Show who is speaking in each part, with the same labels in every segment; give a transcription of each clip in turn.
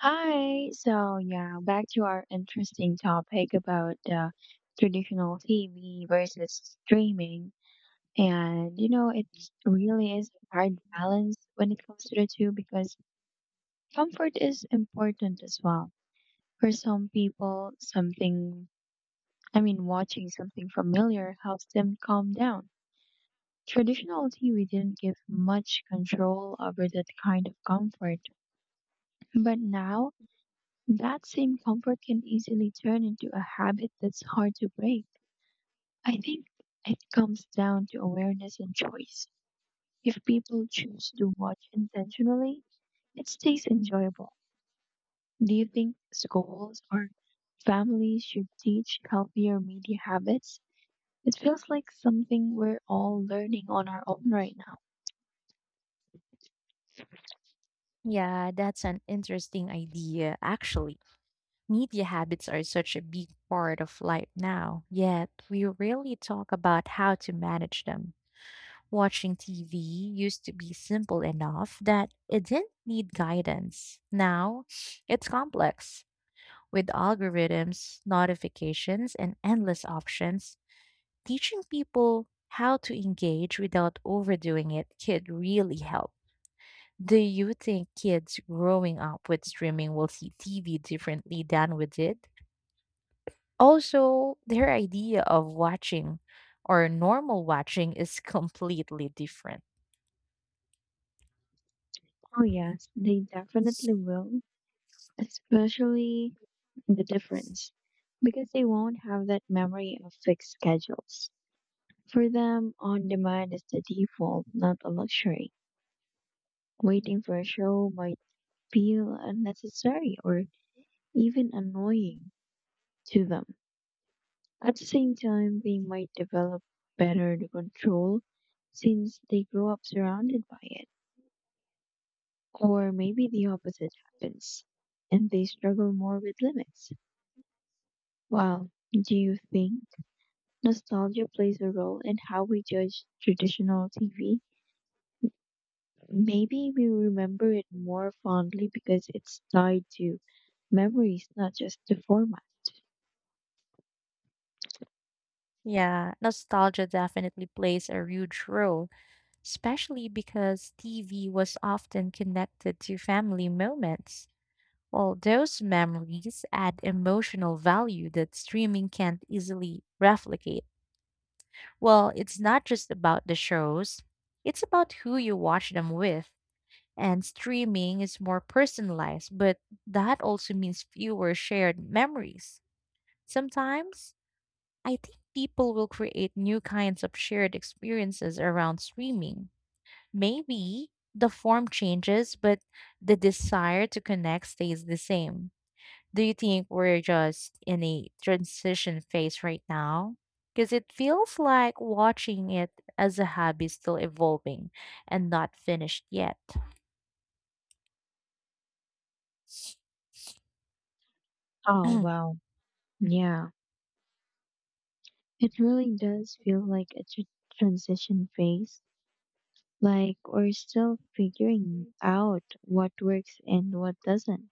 Speaker 1: Hi. So yeah, back to our interesting topic about traditional TV versus streaming. And you know, it really is a hard balance when it comes to the two because comfort is important as well. For some people, watching something familiar helps them calm down. Traditional TV didn't give much control over that kind of comfort, but now that same comfort can easily turn into a habit that's hard to break. I think it comes down to awareness and choice. If people choose to watch intentionally, it stays enjoyable. Do you think schools or families should teach healthier media habits? It feels like something we're all learning on our own right now.
Speaker 2: Yeah, that's an interesting idea, actually. Media habits are such a big part of life now, yet we rarely talk about how to manage them. Watching TV used to be simple enough that it didn't need guidance. Now, it's complex. With algorithms, notifications, and endless options, teaching people how to engage without overdoing it could really help. Do you think kids growing up with streaming will see TV differently than we did? Also, their idea of watching or normal watching is completely different.
Speaker 1: Oh, yes, they definitely will, especially the difference, because they won't have that memory of fixed schedules. For them, on demand is the default, not a luxury. Waiting for a show might feel unnecessary or even annoying to them. At the same time, they might develop better the control since they grow up surrounded by it. Or maybe the opposite happens and they struggle more with limits. Well, do you think? Nostalgia plays a role in how we judge traditional TV. Maybe we remember it more fondly because it's tied to memories, not just the format.
Speaker 2: Yeah, nostalgia definitely plays a huge role, especially because TV was often connected to family moments. Well, those memories add emotional value that streaming can't easily replicate. Well, it's not just about the shows, it's about who you watch them with. And streaming is more personalized, but that also means fewer shared memories. Sometimes, I think people will create new kinds of shared experiences around streaming. Maybe the form changes, but the desire to connect stays the same. Do you think we're just in a transition phase right now? Because it feels like watching it as a hobby is still evolving and not finished yet.
Speaker 1: Oh, wow. Yeah. It really does feel like a transition phase. Like we're still figuring out what works and what doesn't.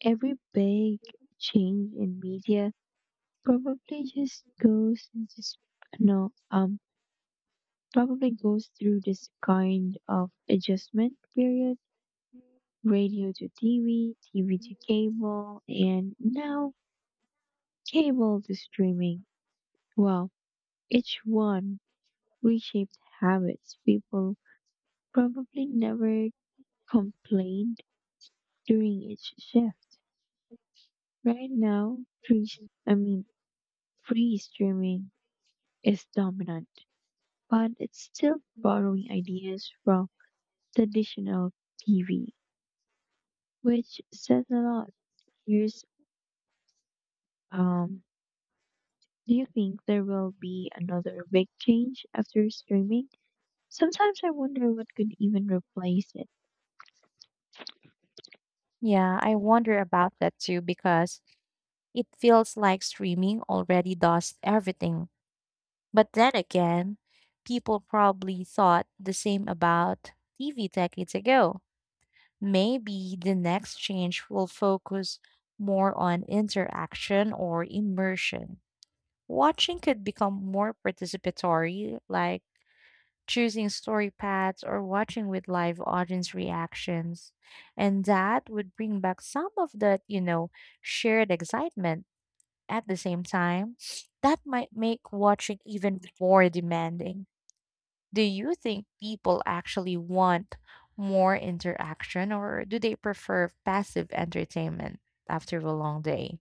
Speaker 1: Every big change in media probably just goes into, sp- no, probably goes through this kind of adjustment period: radio to TV, TV to cable, and now cable to streaming. Well, each one reshaped habits people probably never complained during each shift. Right now, free, s- I mean, free streaming is dominant, but it's still borrowing ideas from traditional TV, which says a lot. Here's um, do you think there will be another big change after streaming? Sometimes I wonder what could even replace it.
Speaker 2: Yeah, I wonder about that too, because it feels like streaming already does everything. But then again, people probably thought the same about TV decades ago. Maybe the next change will focus more on interaction or immersion. Watching could become more participatory, like choosing story paths or watching with live audience reactions. And that would bring back some of that, you know, shared excitement. At the same time, that might make watching even more demanding. Do you think people actually want more interaction, or do they prefer passive entertainment after a long day?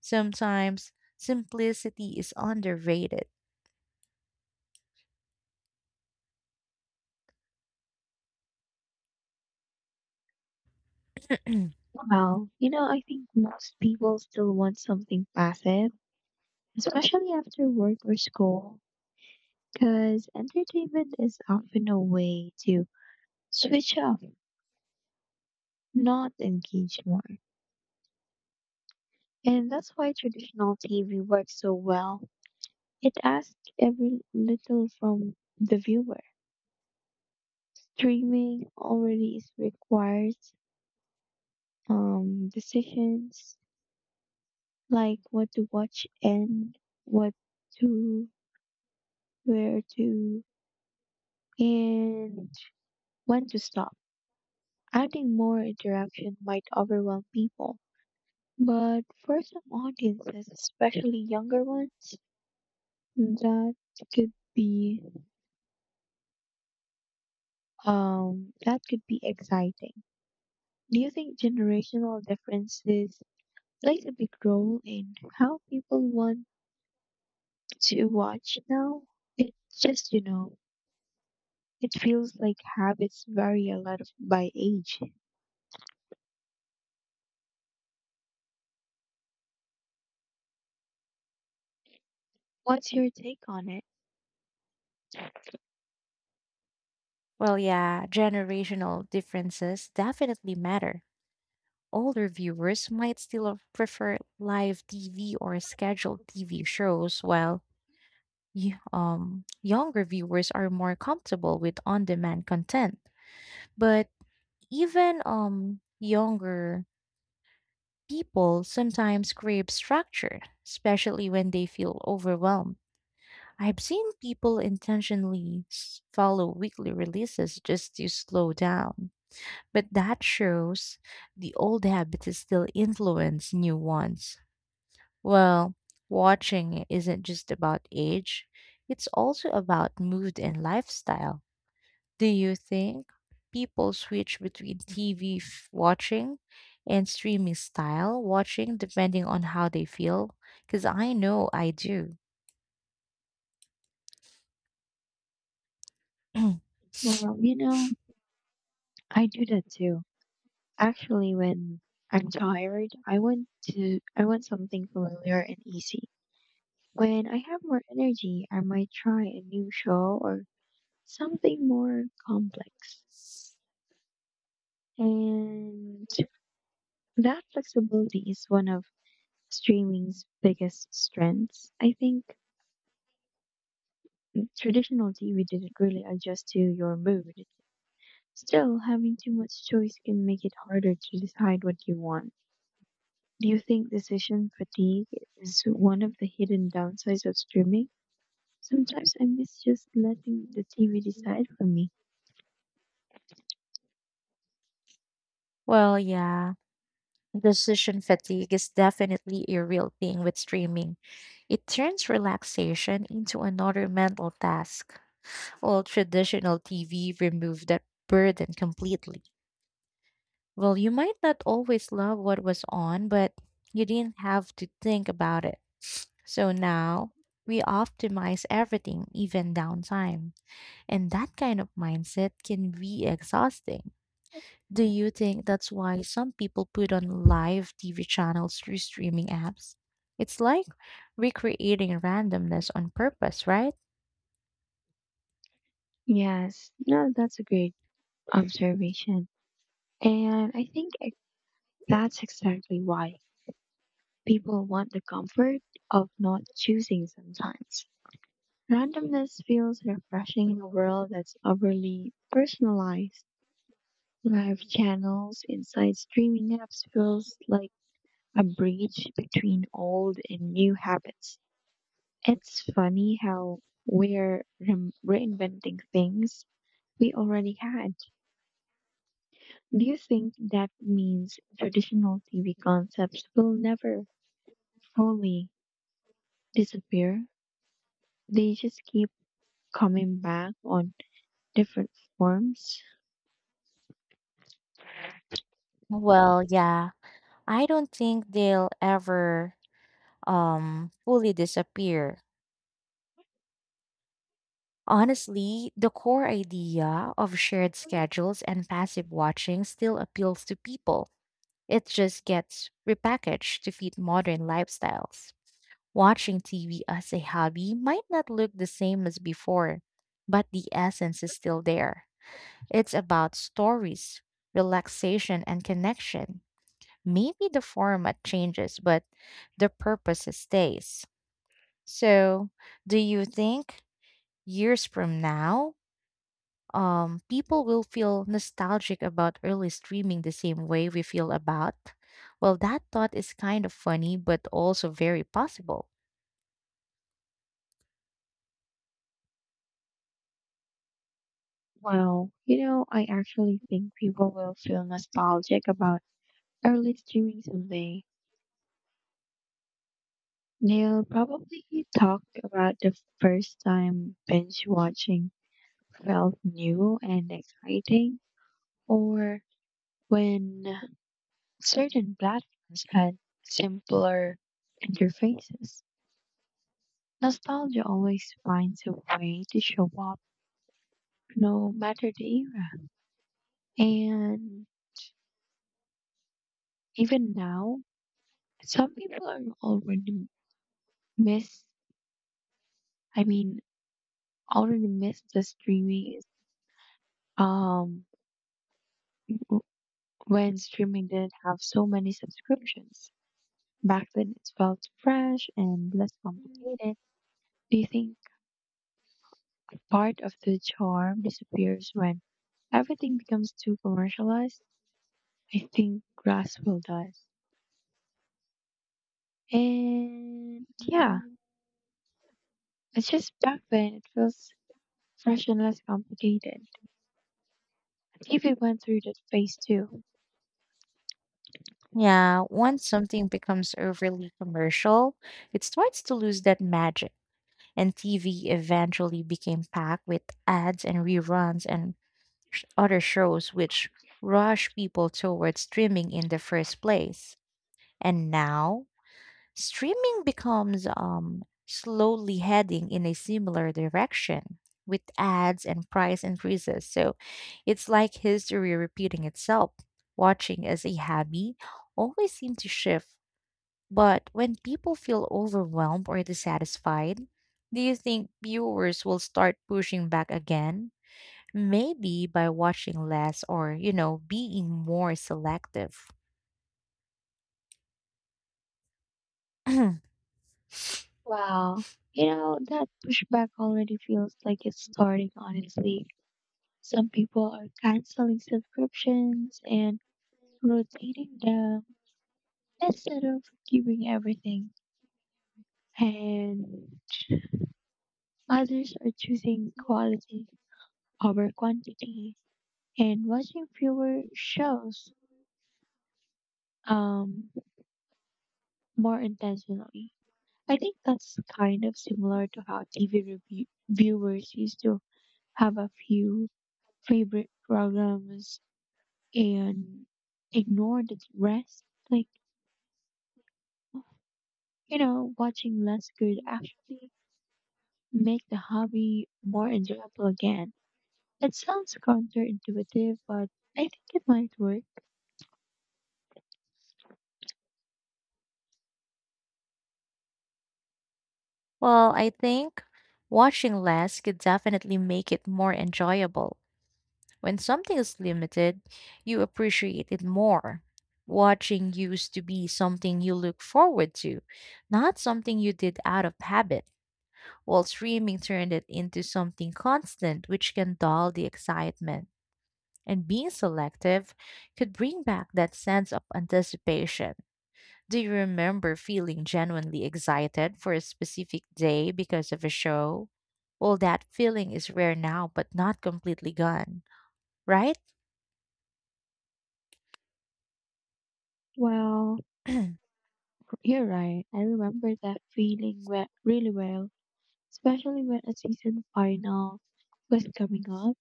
Speaker 2: Sometimes simplicity is underrated.
Speaker 1: Well, you know, I think most people still want something passive, especially after work or school, because entertainment is often a way to switch off, not engage more. And that's why traditional TV works so well. It asks every little from the viewer. Streaming already is requires decisions like what to watch, and what to, where to, and when to stop. Adding more interaction might overwhelm people. But for some audiences, especially younger ones, That could be that could be exciting. Do you think generational differences plays a big role in how people want to watch now? It just, you know, it feels like habits vary a lot of, by age. What's your take on it?
Speaker 2: Well, yeah, generational differences definitely matter. Older viewers might still prefer live TV or scheduled TV shows, while younger viewers are more comfortable with on demand content. But even younger people sometimes crave structure, especially when they feel overwhelmed. I've seen people intentionally follow weekly releases just to slow down. But that shows the old habits still influence new ones. Well, watching isn't just about age, it's also about mood and lifestyle. Do you think people switch between TV watching and streaming style watching depending on how they feel? Because I know I do.
Speaker 1: Well, you know, I do that too. Actually, when I'm tired, I want something familiar and easy. When I have more energy, I might try a new show or something more complex. And that flexibility is one of streaming's biggest strengths. I think traditional TV didn't really adjust to your mood. Still, having too much choice can make it harder to decide what you want. Do you think decision fatigue is one of the hidden downsides of streaming? Sometimes I miss just letting the TV decide for me.
Speaker 2: Well, yeah. Decision fatigue is definitely a real thing with streaming. It turns relaxation into another mental task, while traditional TV removed that burden completely. Well, you might not always love what was on, but you didn't have to think about it. So now we optimize everything, even downtime. And that kind of mindset can be exhausting. Do you think that's why some people put on live TV channels through streaming apps? It's like recreating randomness on purpose, right?
Speaker 1: Yes, no, that's a great observation. And I think that's exactly why people want the comfort of not choosing sometimes. Randomness feels refreshing in a world that's overly personalized. Live channels inside streaming apps feels like a bridge between old and new habits. It's funny how we're reinventing things we already had. Do you think that means traditional TV concepts will never fully disappear? They just keep coming back on different forms.
Speaker 2: Well, yeah. I don't think they'll ever fully disappear. Honestly, the core idea of shared schedules and passive watching still appeals to people. It just gets repackaged to fit modern lifestyles. Watching TV as a hobby might not look the same as before, but the essence is still there. It's about stories, relaxation, and connection. Maybe the format changes, but the purpose stays. So, do you think years from now, people will feel nostalgic about early streaming the same way we feel about? Well, that thought is kind of funny, but also very possible.
Speaker 1: Well, you know, I actually think people will feel nostalgic about early streaming someday. They'll probably talk about the first time binge watching felt new and exciting, or when certain platforms had simpler interfaces. Nostalgia always finds a way to show up no matter the era. And even now, some people are miss, I mean, already miss the um w- when streaming didn't have so many subscriptions. Back then it felt fresh and less complicated. Do you think part of the charm disappears when everything becomes too commercialized? I think Grasswell does. And yeah, it's just back then it feels fresh and less complicated. TV went through that phase too.
Speaker 2: Yeah, once something becomes overly commercial, it starts to lose that magic. And TV eventually became packed with ads and reruns and other shows, which rush people towards streaming in the first place. And now, streaming becomes slowly heading in a similar direction with ads and price increases. So it's like history repeating itself. Watching as a hobby always seemed to shift, but when people feel overwhelmed or dissatisfied, do you think viewers will start pushing back again? Maybe by watching less or, you know, being more selective. Well,
Speaker 1: Wow. You know, that pushback already feels like it's starting, honestly. Some people are canceling subscriptions and rotating them instead of giving everything. And others are choosing quality over quantity and watching fewer shows um more intentionally. I think that's kind of similar to how viewers used to have a few favorite programs and ignore the rest. Like, you know, watching less could actually make the hobby more enjoyable again. It sounds counterintuitive, but I think it might work.
Speaker 2: I think watching less could definitely make it more enjoyable. When something is limited, you appreciate it more. Watching used to be something you look forward to, not something you did out of habit, while streaming turned it into something constant, which can dull the excitement. And being selective could bring back that sense of anticipation. Do you remember feeling genuinely excited for a specific day because of a show? Well, that feeling is rare now, but not completely gone, right?
Speaker 1: Well, you're right. I remember that feeling really well, especially when a season final was coming up.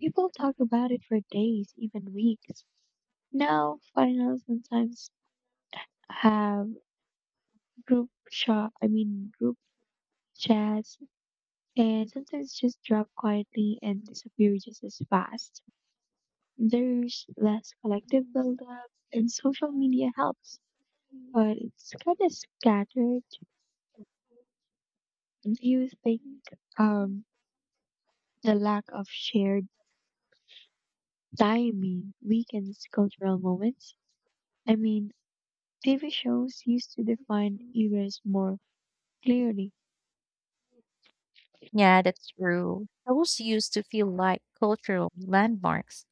Speaker 1: People talk about it for days, even weeks. Now, finals sometimes have group shot. I mean, group chats and sometimes just drop quietly and disappear just as fast. There's less collective buildup, and social media helps, but it's kind of scattered. Do you think um, the lack of shared timing weakens cultural moments? I mean, TV shows used to define eras more clearly.
Speaker 2: Yeah, that's true. Those used to feel like cultural landmarks.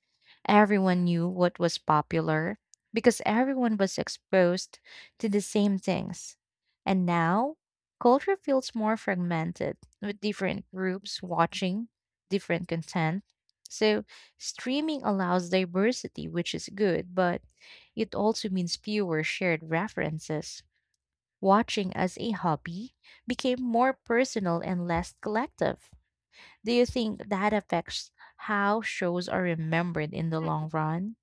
Speaker 2: Everyone knew what was popular because everyone was exposed to the same things. And now, culture feels more fragmented with different groups watching different content. So, streaming allows diversity, which is good, but it also means fewer shared references. Watching as a hobby became more personal and less collective. Do you think that affects how shows are remembered in the long run?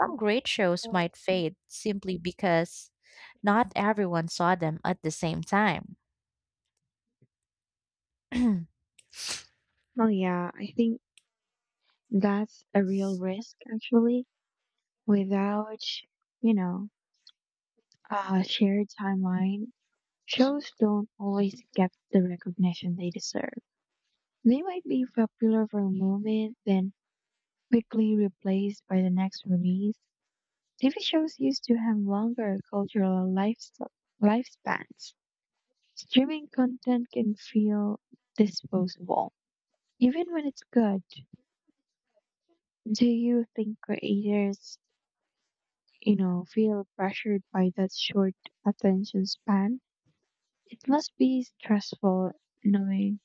Speaker 2: Some great shows
Speaker 1: Oh,
Speaker 2: might fade simply because not everyone saw them at the same time.
Speaker 1: oh, yeah, I think that's a real risk actually. Without, you know, a shared timeline, shows don't always get the recognition they deserve. They might be popular for a moment, then quickly replaced by the next release. TV shows used to have longer lifespans. Streaming content can feel disposable, even when it's good. Do you think creators, you know, feel pressured by that short attention span? It must be stressful knowing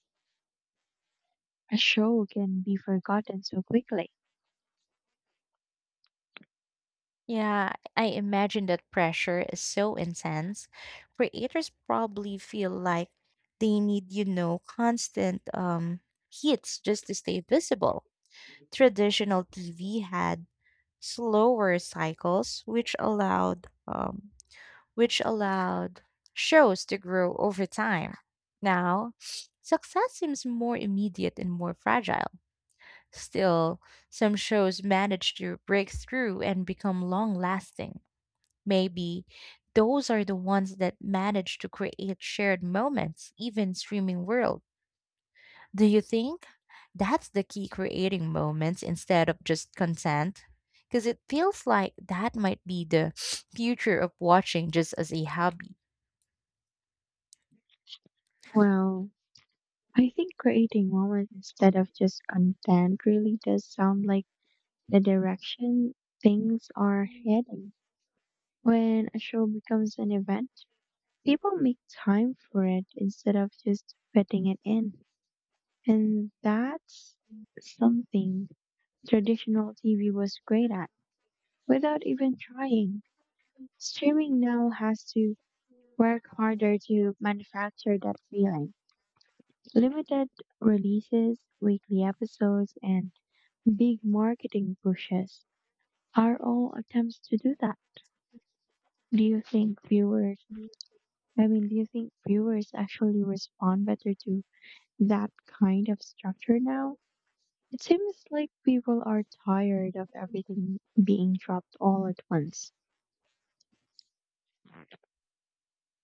Speaker 1: a show can be forgotten so quickly.
Speaker 2: Yeah, I imagine that pressure is so intense. Creators probably feel like they need, you know, constant hits just to stay visible. Traditional TV had slower cycles, which allowed which allowed shows to grow over time. Now, success seems more immediate and more fragile. Still, some shows manage to break through and become long lasting. Maybe those are the ones that manage to create shared moments, even streaming world. Do you think that's the key, creating moments instead of just consent? Because it feels like that might be the future of watching just as a hobby.
Speaker 1: Well, I think creating moments instead of just content really does sound like the direction things are heading. When a show becomes an event, people make time for it instead of just fitting it in. And that's something traditional TV was great at without even trying. Streaming now has to work harder to manufacture that feeling. Limited releases, weekly episodes, and big marketing pushes are all attempts to do that. Do you think viewers, do you think viewers actually respond better to that kind of structure now? It seems like people are tired of everything being dropped all at once.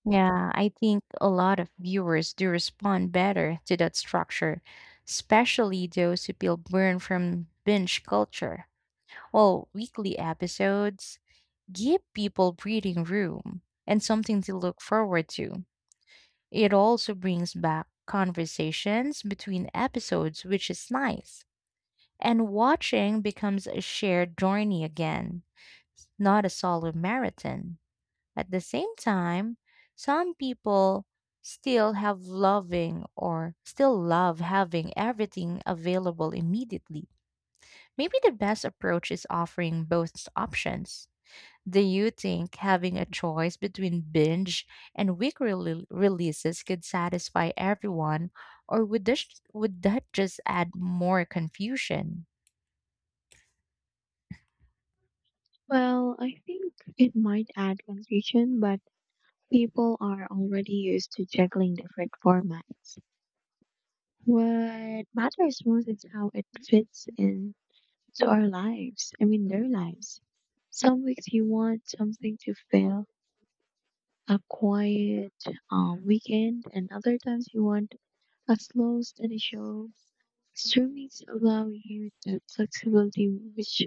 Speaker 2: Yeah, I think a lot of viewers do respond better to that structure, especially those who feel burned from binge culture. Well, weekly episodes give people breathing room and something to look forward to. It also brings back conversations between episodes, which is nice. And watching becomes a shared journey again, not a solo marathon. At the same time, some people still have loving or still love having everything available immediately. Maybe the best approach is offering both options. Do you think having a choice between binge and releases could satisfy everyone, or would that just add more confusion?
Speaker 1: Well, I think it might add confusion, but people are already used to juggling different formats. What matters most is how it fits in to our lives. I mean, their lives. Some weeks you want something to fill a quiet weekend, and other times you want a slow, steady show. Streamings allow you the flexibility, which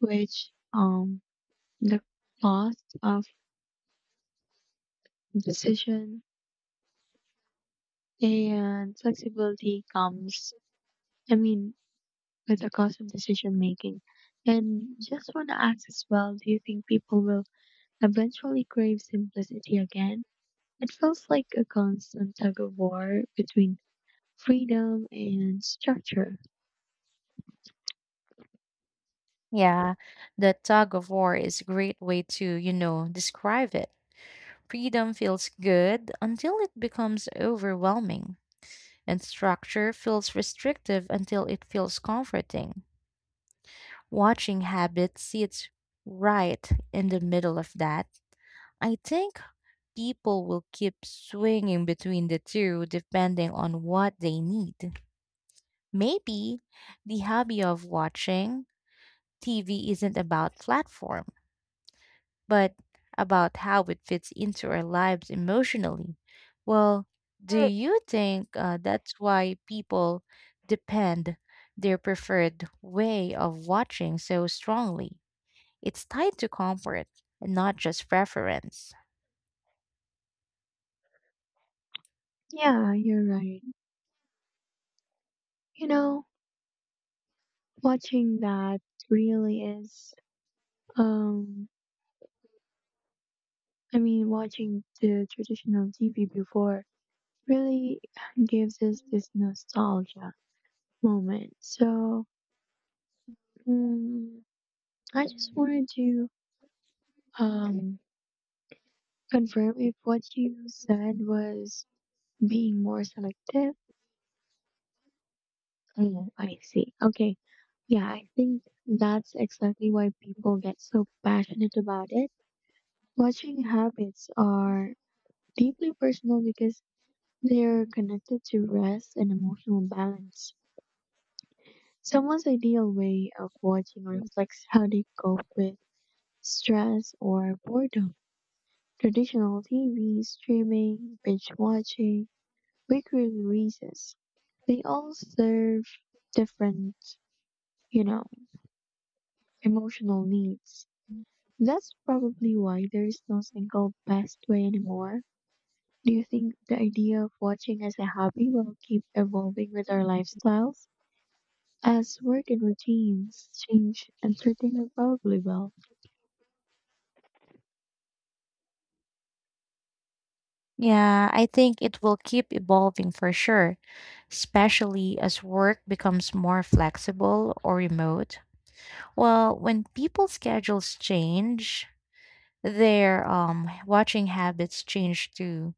Speaker 1: which the cost of decision and flexibility comes. I mean, with the cost of decision making. And just want to ask as well, do you think people will eventually crave simplicity again? It feels like a constant tug of war between freedom and structure.
Speaker 2: Yeah, the tug of war is a great way to, you know, describe it. Freedom feels good until it becomes overwhelming, and structure feels restrictive until it feels comforting. Watching habit sits right in the middle of that. I think people will keep swinging between the two depending on what they need. Maybe the hobby of watching TV isn't about platform, but about how it fits into our lives emotionally. Well, do you think that's why people depend their preferred way of watching so strongly? It's tied to comfort, and not just preference.
Speaker 1: Yeah, you're right. You know, watching that really is, um, I mean, watching the traditional TV before really gives us this nostalgia moment. So, mm I just wanted to um confirm if what you said was being more selective. Mm, I see. Okay. Yeah, I think that's exactly why people get so passionate about it. Watching habits are deeply personal because they're connected to rest and emotional balance. Someone's ideal way of watching reflects how they cope with stress or boredom. Traditional TV, streaming, binge watching, weekly releases. They all serve different, you know, emotional needs. That's probably why there is no single best way anymore. Do you think the idea of watching as a hobby will keep evolving with our lifestyles? As work and routines change, entertainment probably will.
Speaker 2: Yeah, I think it will keep evolving for sure, especially as work becomes more flexible or remote. Well, when people's schedules change, their watching habits changed too.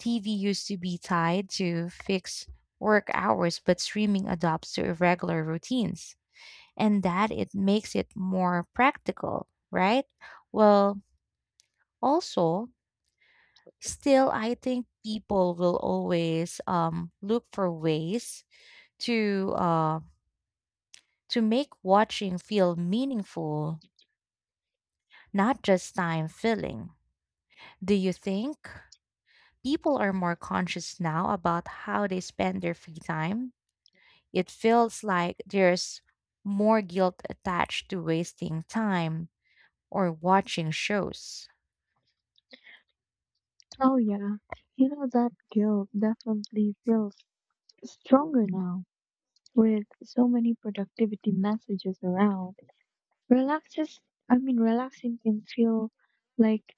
Speaker 2: TV used to be tied to fixed work hours, but streaming adopts to irregular routines, and that it makes it more practical, right? Well, also, still, I think people will always look for ways to uh, to make watching feel meaningful, not just time filling. Do you think people are more conscious now about how they spend their free time? It feels like there's more guilt attached to wasting time or watching shows.
Speaker 1: Oh, yeah. You know, that guilt definitely feels stronger now with so many productivity messages around. Relaxes, relaxing can feel like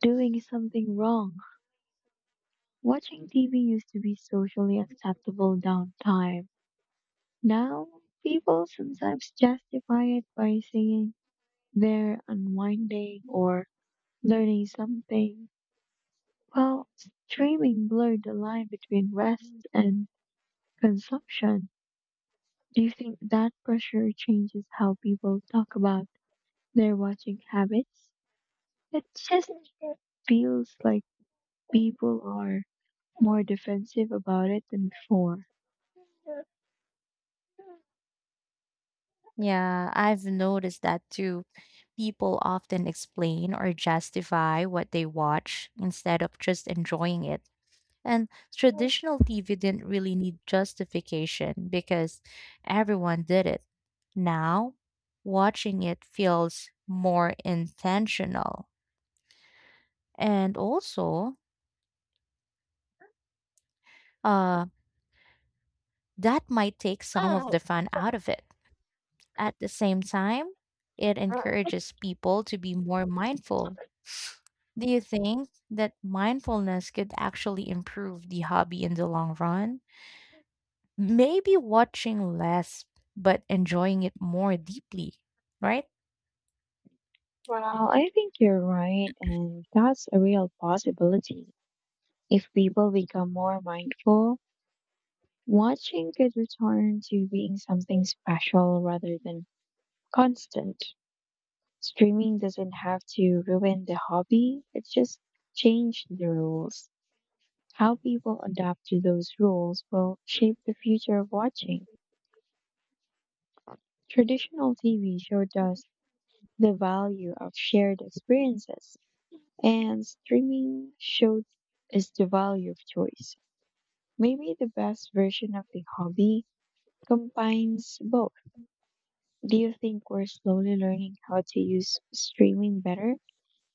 Speaker 1: doing something wrong. Watching TV used to be socially acceptable downtime. Now, people sometimes justify it by saying they're unwinding or learning something. Well, streaming blurred the line between rest and consumption. Do you think that pressure changes how people talk about their watching habits? It just feels like people are more defensive about it than before.
Speaker 2: Yeah, I've noticed that too. People often explain or justify what they watch instead of just enjoying it. And traditional TV didn't really need justification because everyone did it. Now, watching it feels more intentional. And also, uh, that might take some of the fun out of it. At the same time, it encourages people to be more mindful. Do you think that mindfulness could actually improve the hobby in the long run? Maybe watching less but enjoying it more deeply, right?
Speaker 1: Well, I think you're right, and that's a real possibility. If people become more mindful, watching could return to being something special rather than constant. Streaming doesn't have to ruin the hobby, it's just changed the rules. How people adapt to those rules will shape the future of watching. Traditional TV showed us the value of shared experiences. And streaming showed us the value of choice. Maybe the best version of the hobby combines both. Do you think we're slowly learning how to use streaming better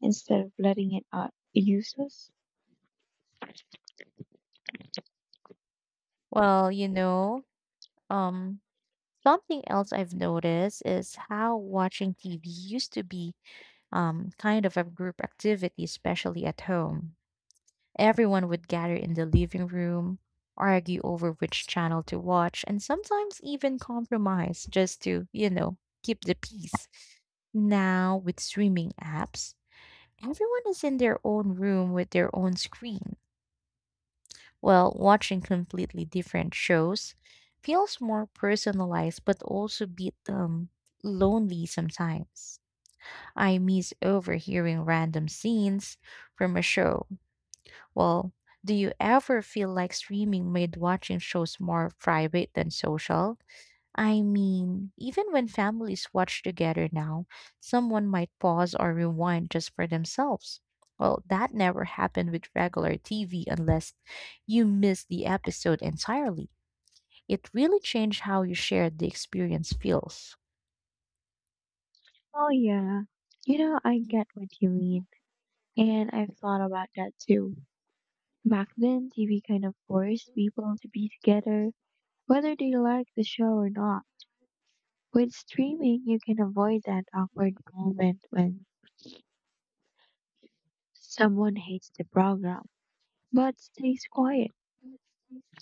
Speaker 1: instead of letting it out use us?
Speaker 2: Well, um something else I've noticed is how watching TV used to be kind of a group activity, especially at home. Everyone would gather in the living room, argue over which channel to watch, and sometimes even compromise just to, you know, keep the peace. Now, with streaming apps, everyone is in their own room with their own screen. Well, watching completely different shows feels more personalized but also a bit lonely sometimes. I miss overhearing random scenes from a show. Well, do you ever feel like streaming made watching shows more private than social? I mean, even when families watch together now, someone might pause or rewind just for themselves. Well, that never happened with regular TV unless you missed the episode entirely. It really changed how you shared the experience feels.
Speaker 1: Oh, yeah. You know, I get what you mean. And I've thought about that too. Back then, TV kind of forced people to be together, whether they liked the show or not. With streaming, you can avoid that awkward moment when someone hates the program but stays quiet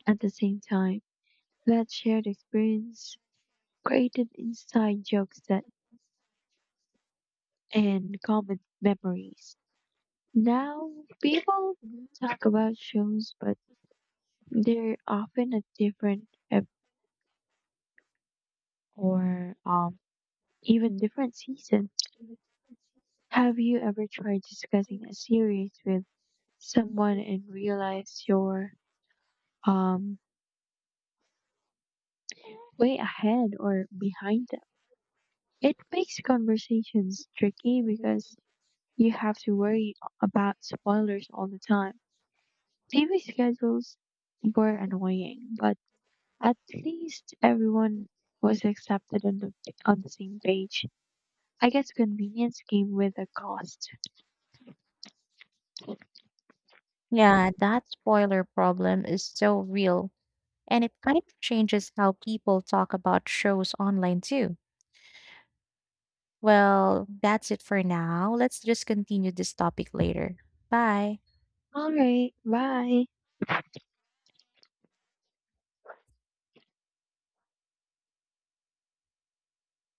Speaker 1: at the same time. That shared experience created inside jokes that and common memories. Now, people talk about shows, but they're often at different ep- or even different seasons. Have you ever tried discussing a series with someone and realized your um way ahead or behind them. It makes conversations tricky because you have to worry about spoilers all the time. TV schedules were annoying, but at least everyone was accepted on the same page. I guess convenience came with a cost.
Speaker 2: Yeah, that spoiler problem is so real, and it kind of changes how people talk about shows online too. Well, that's it for now. Let's just continue this topic later. Bye.
Speaker 1: All right, bye.